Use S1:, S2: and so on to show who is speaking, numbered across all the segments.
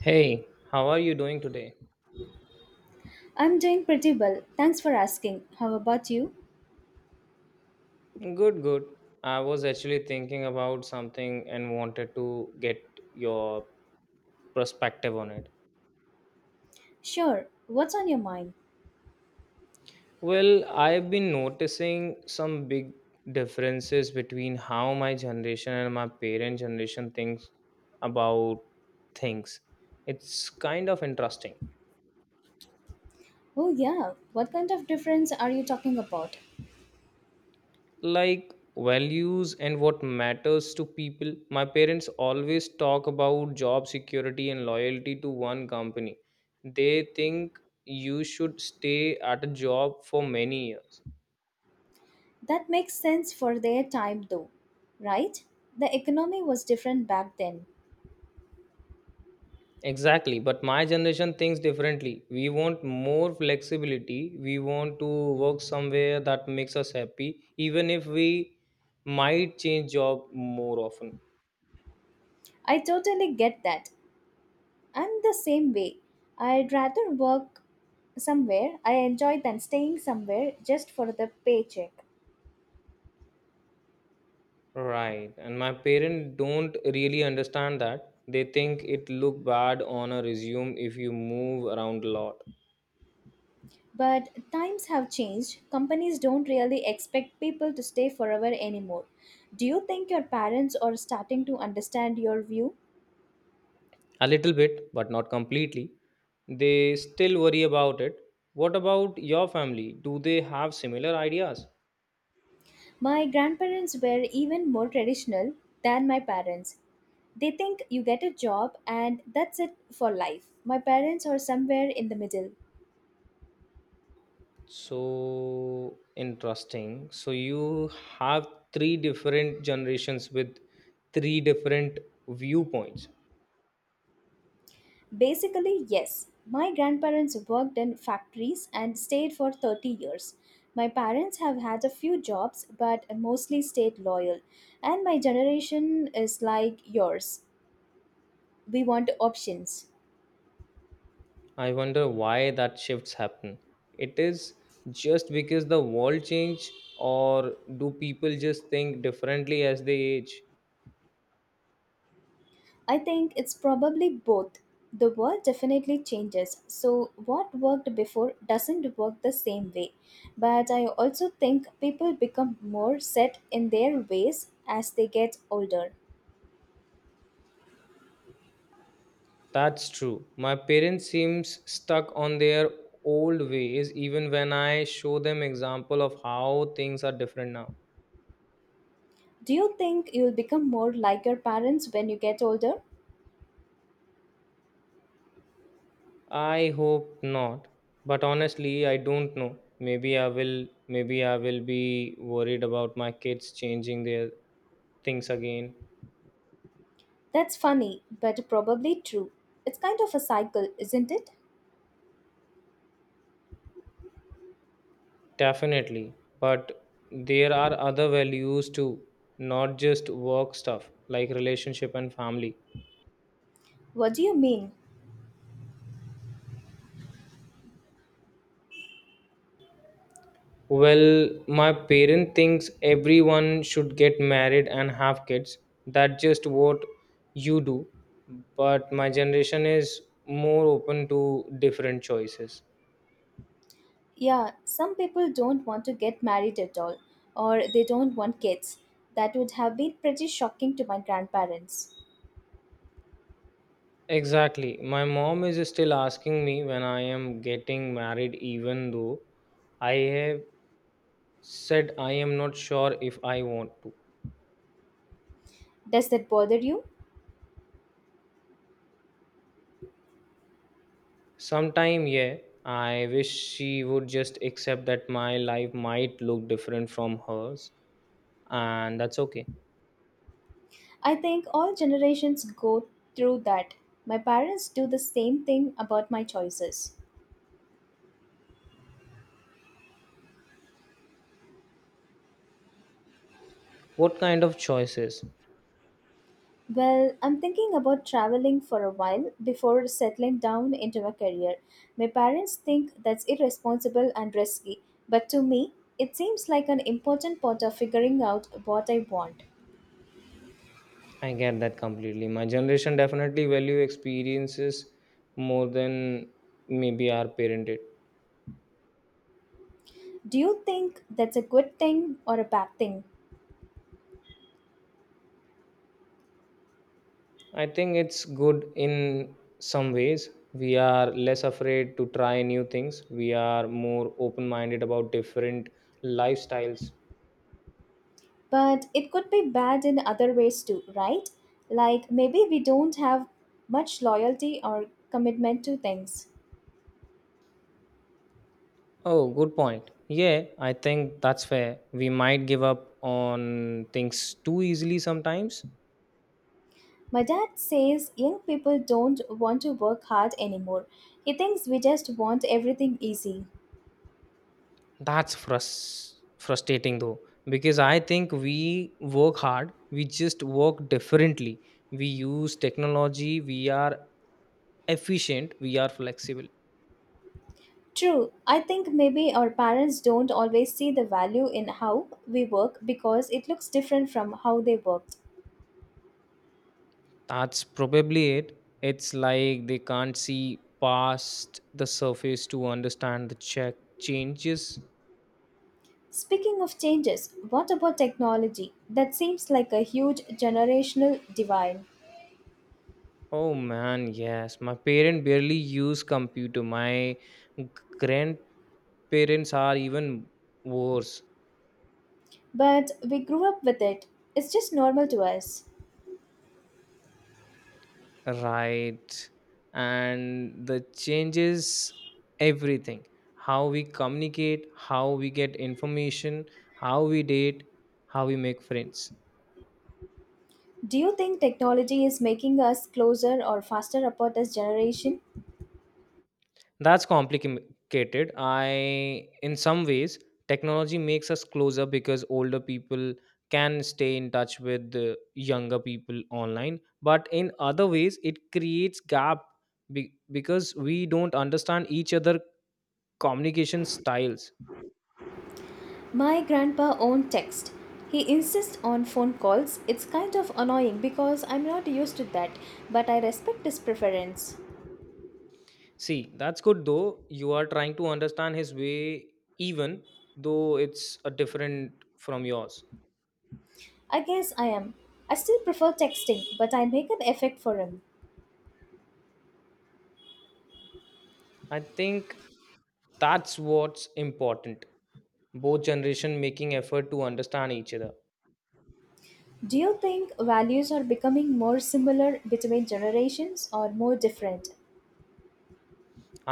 S1: Hey, how are you doing today?
S2: I'm doing pretty well. Thanks for asking. How about you?
S1: Good, good. I was actually thinking about something and wanted to get your perspective on it.
S2: Sure. What's on your mind?
S1: Well, I've been noticing some big differences between how my generation and my parent generation thinks about things. It's kind of interesting.
S2: Oh, yeah. What kind of difference are you talking about?
S1: Like values and what matters to people. My parents always talk about job security and loyalty to one company. They think you should stay at a job for many years.
S2: That makes sense for their time, though, right? The economy was different back then.
S1: Exactly, but my generation thinks differently. We want more flexibility, we want to work somewhere that makes us happy, even if we might change job more often.
S2: I totally get that. I'm the same way. I'd rather work somewhere I enjoy than staying somewhere just for the paycheck.
S1: Right. And my parents don't really understand that. They think it look bad on a resume if you move around a lot.
S2: But times have changed. Companies don't really expect people to stay forever anymore. Do you think your parents are starting to understand your view?
S1: A little bit, but not completely. They still worry about it. What about your family? Do they have similar ideas?
S2: My grandparents were even more traditional than my parents. They think you get a job and that's it for life. My parents are somewhere in the middle.
S1: So interesting. So you have three different generations with three different viewpoints.
S2: Basically, yes. My grandparents worked in factories and stayed for 30 years. My parents have had a few jobs but mostly stayed loyal. And my generation is like yours. We want options.
S1: I wonder why that shifts happen. It is just because the world change, or do people just think differently as they age?
S2: I think it's probably both. The world definitely changes, so what worked before doesn't work the same way. But I also think people become more set in their ways as they get older.
S1: That's true. My parents seems stuck on their old ways even when I show them example of how things are different now.
S2: Do you think you'll become more like your parents when you get older?
S1: I hope not. But honestly, I don't know. Maybe I will, maybe I will be worried about my kids changing their things again.
S2: That's funny, but probably true. It's kind of a cycle, isn't it?
S1: Definitely, but there are other values too, not just work stuff, like relationship and family.
S2: What do you mean?
S1: Well, my parent thinks everyone should get married and have kids. That's just what you do. But my generation is more open to different choices.
S2: Yeah, some people don't want to get married at all, or they don't want kids. That would have been pretty shocking to my grandparents.
S1: Exactly. My mom is still asking me when I am getting married, even though I have said I am not sure if I want to.
S2: Does that bother you?
S1: Sometime, yeah, I wish she would just accept that my life might look different from hers, and that's okay.
S2: I think all generations go through that. My parents do the same thing about my choices.
S1: What kind of choices?
S2: Well, I'm thinking about traveling for a while before settling down into a career. My parents think that's irresponsible and risky, but to me, it seems like an important part of figuring out what I want.
S1: I get that completely. My generation definitely value experiences more than maybe our parent did.
S2: Do you think that's a good thing or a bad thing?
S1: I think it's good in some ways. We are less afraid to try new things, we are more open minded about different lifestyles.
S2: But it could be bad in other ways too, right? Like maybe we don't have much loyalty or commitment to things.
S1: Oh, good point. Yeah, I think that's fair. We might give up on things too easily sometimes.
S2: My dad says young people don't want to work hard anymore. He thinks we just want everything easy.
S1: That's frustrating though, because I think we work hard, we just work differently. We use technology, we are efficient, we are flexible.
S2: True, I think maybe our parents don't always see the value in how we work because it looks different from how they worked.
S1: That's probably it. It's like they can't see past the surface to understand the check changes.
S2: Speaking of changes, what about technology? That seems like a huge generational divide.
S1: Oh man, yes. My parents barely use computer. My g- grandparents are even worse,
S2: But we grew up with it, it's just normal to us.
S1: right? And the changes everything. How we communicate, how we get information, how we date, how we make friends.
S2: Do you think technology is making us closer or faster apart as generation?
S1: That's complicated. I, in some ways, technology makes us closer because older people can stay in touch with the younger people online. But in other ways, it creates gap because we don't understand each other communication styles.
S2: My grandpa owned text. He insists on phone calls. It's kind of annoying because I'm not used to that, but I respect his preference.
S1: See, that's good though. You are trying to understand his way, even though it's a different from yours.
S2: I guess I am. I still prefer texting, but I make an effort for him.
S1: I think that's what's important, both generation making effort to understand each other.
S2: Do you think values are becoming more similar between generations or more different?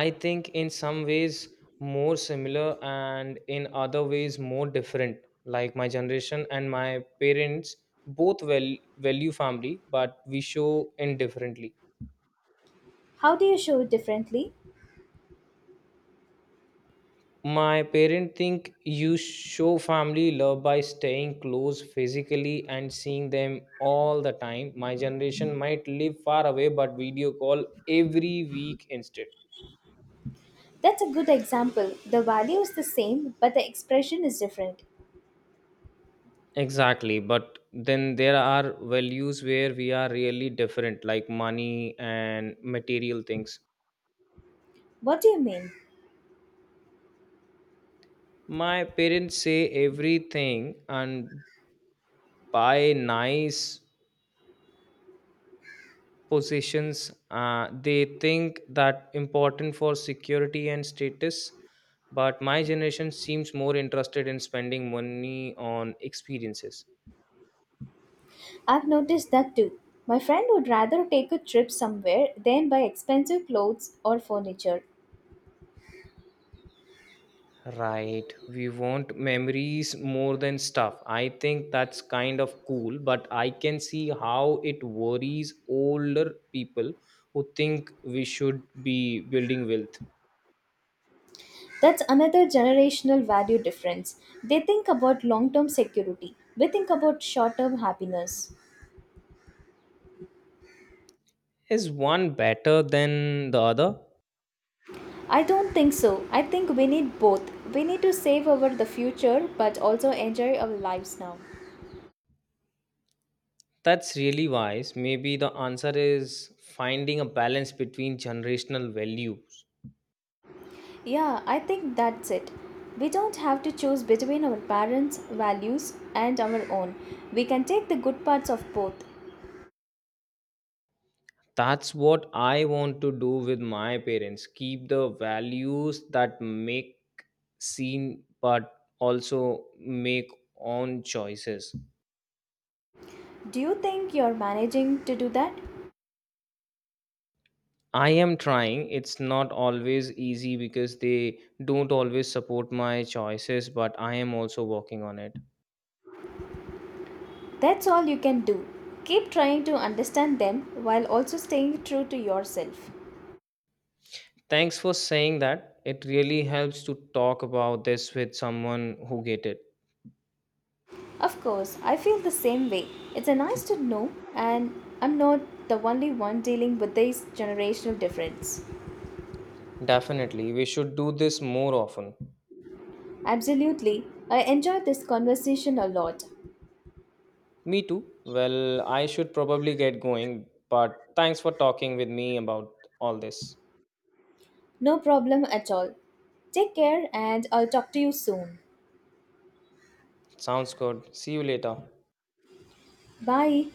S1: I think in some ways more similar and in other ways more different. Like my generation and my parents both well value family, but we show indifferently.
S2: How do you show it differently?
S1: My parents think you show family love by staying close physically and seeing them all the time. My generation might live far away but video call every week instead.
S2: That's a good example. The value is the same, but the expression is different.
S1: Exactly, but then there are values where we are really different, like money and material things.
S2: What do you mean?
S1: My parents say everything and buy nice possessions. They think that important for security and status. But my generation seems more interested in spending money on experiences.
S2: I've noticed that too. My friend would rather take a trip somewhere than buy expensive clothes or furniture.
S1: Right. We want memories more than stuff. I think that's kind of cool, but I can see how it worries older people who think we should be building wealth.
S2: That's another generational value difference. They think about long term security, we think about short term happiness.
S1: Is one better than the other?
S2: I don't think so. I think we need both. We need to save over the future but also enjoy our lives now.
S1: That's really wise. Maybe the answer is finding a balance between generational values.
S2: Yeah, I think that's it. We don't have to choose between our parents' values and our own. We can take the good parts of both.
S1: That's what I want to do with my parents. Keep the values that make scene but also make own choices.
S2: Do you think you're managing to do that?
S1: I am trying. It's not always easy because they don't always support my choices, but I am also working on it.
S2: That's all you can do. Keep trying to understand them while also staying true to yourself.
S1: Thanks for saying that. It really helps to talk about this with someone who get it.
S2: Of course, I feel the same way. It's a nice to know, and I'm not the only one dealing with this generational difference.
S1: Definitely. We should do this more often.
S2: Absolutely, I enjoyed this conversation a lot.
S1: Me too. Well, I should probably get going, but thanks for talking with me about all this.
S2: No problem at all. Take care, and I'll talk to you soon.
S1: Sounds good. See you later.
S2: Bye.